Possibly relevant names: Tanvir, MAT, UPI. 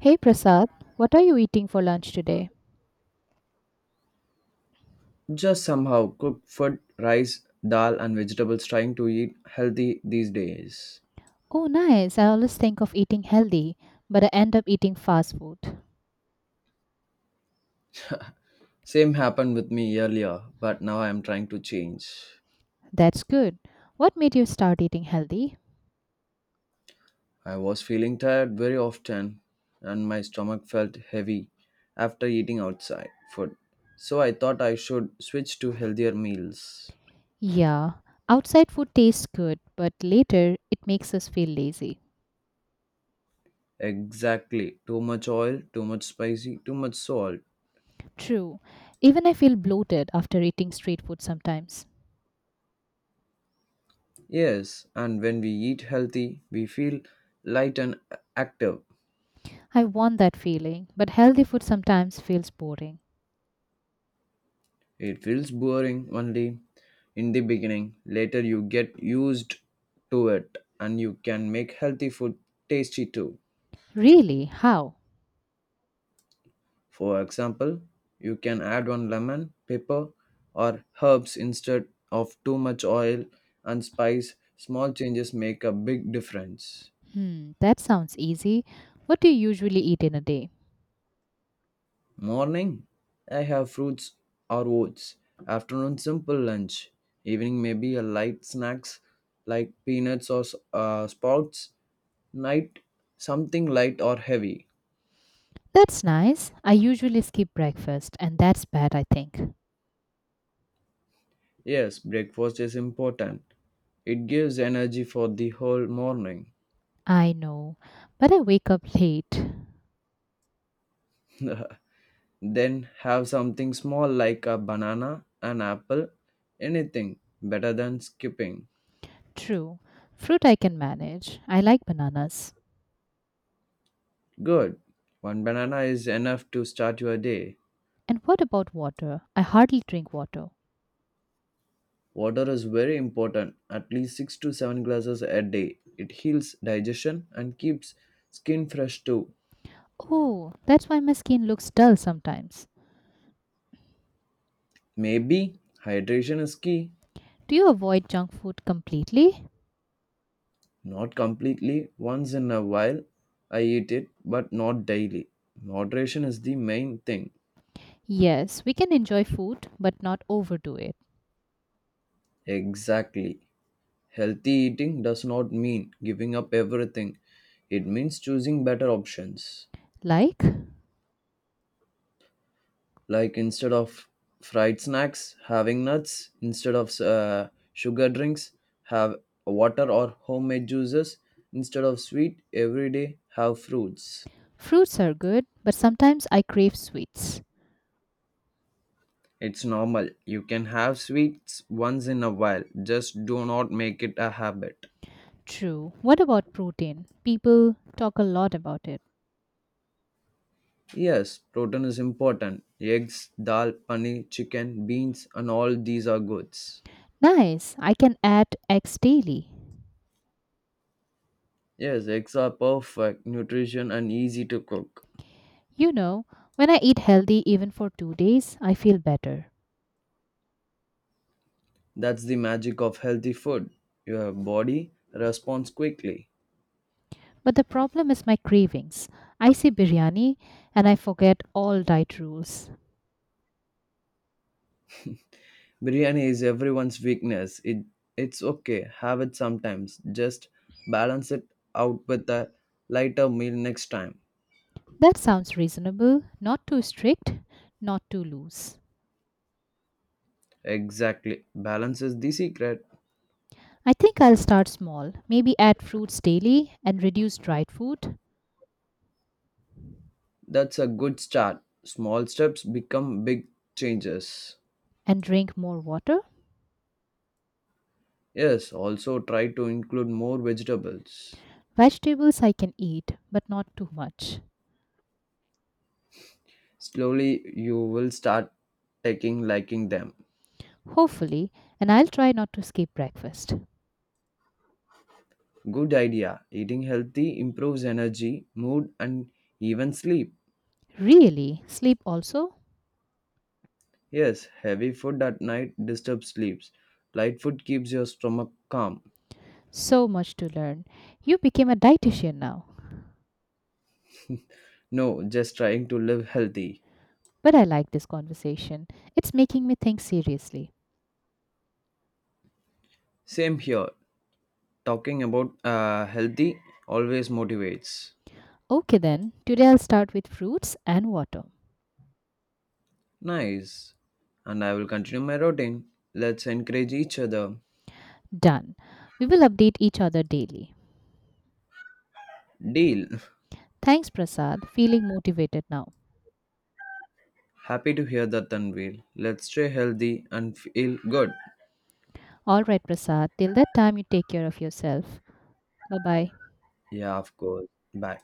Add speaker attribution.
Speaker 1: Hey Prasad, what are you eating for lunch today?
Speaker 2: Just somehow cooked food, rice, dal, and vegetables trying to eat healthy these days.
Speaker 1: Oh, nice. I always think of eating healthy, but I end up eating fast food.
Speaker 2: Same happened with me earlier, but now I am trying to change.
Speaker 1: That's good. What made you start eating healthy?
Speaker 2: I was feeling tired very often, and my stomach felt heavy after eating outside food. So I thought I should switch to healthier meals.
Speaker 1: Yeah, outside food tastes good, but later it makes us feel lazy.
Speaker 2: Exactly. Too much oil, too much spicy, too much salt.
Speaker 1: True. Even I feel bloated after eating street food sometimes.
Speaker 2: Yes, and when we eat healthy, we feel light and active.
Speaker 1: I want that feeling, but healthy food sometimes feels boring.
Speaker 2: It feels boring only in the beginning. Later, you get used to it and you can make healthy food tasty too.
Speaker 1: Really? How?
Speaker 2: For example, you can add one lemon, pepper, or herbs instead of too much oil and spice. Small changes make a big difference.
Speaker 1: Hmm, that sounds easy. What do you usually eat in a day?
Speaker 2: Morning, I have fruits or oats. Afternoon, simple lunch. Evening, maybe a light snacks like peanuts or sprouts. Night, something light or heavy.
Speaker 1: That's nice. I usually skip breakfast, and that's bad, I think.
Speaker 2: Yes, breakfast is important. It gives energy for the whole morning.
Speaker 1: I know, but I wake up late.
Speaker 2: Then have something small like a banana, an apple, anything better than skipping.
Speaker 1: True. Fruit I can manage. I like bananas.
Speaker 2: Good. One banana is enough to start your day.
Speaker 1: And what about water? I hardly drink water.
Speaker 2: Water is very important, at least 6 to 7 glasses a day. It heals digestion and keeps skin fresh too.
Speaker 1: Oh, that's why my skin looks dull sometimes.
Speaker 2: Maybe hydration is key.
Speaker 1: Do you avoid junk food completely?
Speaker 2: Not completely, once in a while I eat it, but not daily. Moderation is the main thing.
Speaker 1: Yes, we can enjoy food, but not overdo it.
Speaker 2: Exactly. Healthy eating does not mean giving up everything, it means choosing better options.
Speaker 1: Like?
Speaker 2: Like instead of fried snacks having nuts, instead of sugar drinks have water or homemade juices, instead of sweet every day have fruits.
Speaker 1: Fruits are good, but sometimes I crave sweets.
Speaker 2: It's normal, you can have sweets once in a while, just do not make it a habit.
Speaker 1: True. What about protein? People talk a lot about it.
Speaker 2: Yes, protein is important. Eggs, dal, paneer, chicken, beans, and all these are goods.
Speaker 1: Nice. I can add eggs daily.
Speaker 2: Yes, eggs are perfect nutrition and easy to cook.
Speaker 1: You know, when I eat healthy even for 2 days, I feel better.
Speaker 2: That's the magic of healthy food. Your body responds quickly.
Speaker 1: But the problem is my cravings. I see biryani and I forget all diet rules.
Speaker 2: Biryani is everyone's weakness. It's okay. Have it sometimes. Just balance it out with a lighter meal next time.
Speaker 1: That sounds reasonable, not too strict, not too loose.
Speaker 2: Exactly. Balance is the secret.
Speaker 1: I think I'll start small, maybe add fruits daily and reduce dried food
Speaker 2: That's a good start. Small steps become big changes.
Speaker 1: and drink more water.
Speaker 2: Yes, also try to include more vegetables.
Speaker 1: Vegetables I can eat, but not too much.
Speaker 2: Slowly you will start taking liking them.
Speaker 1: Hopefully, and I'll try not to skip breakfast.
Speaker 2: Good idea. Eating healthy improves energy, mood, and even sleep.
Speaker 1: Really? Sleep also?
Speaker 2: Yes, heavy food at night disturbs sleeps. Light food keeps your stomach calm.
Speaker 1: So much to learn. You became a dietitian now.
Speaker 2: No, just trying to live healthy.
Speaker 1: But I like this conversation. It's making me think seriously.
Speaker 2: Same here. Talking about healthy always motivates.
Speaker 1: Okay, then, today I'll start with fruits and water.
Speaker 2: Nice. And I will continue my routine. Let's encourage each other.
Speaker 1: Done. We will update each other daily.
Speaker 2: Deal.
Speaker 1: Thanks, Prasad. Feeling motivated now.
Speaker 2: Happy to hear that, Tanvir. Let's stay healthy and feel good.
Speaker 1: All right, Prasad. Till that time, you take care of yourself. Bye bye.
Speaker 2: Yeah, of course. Bye.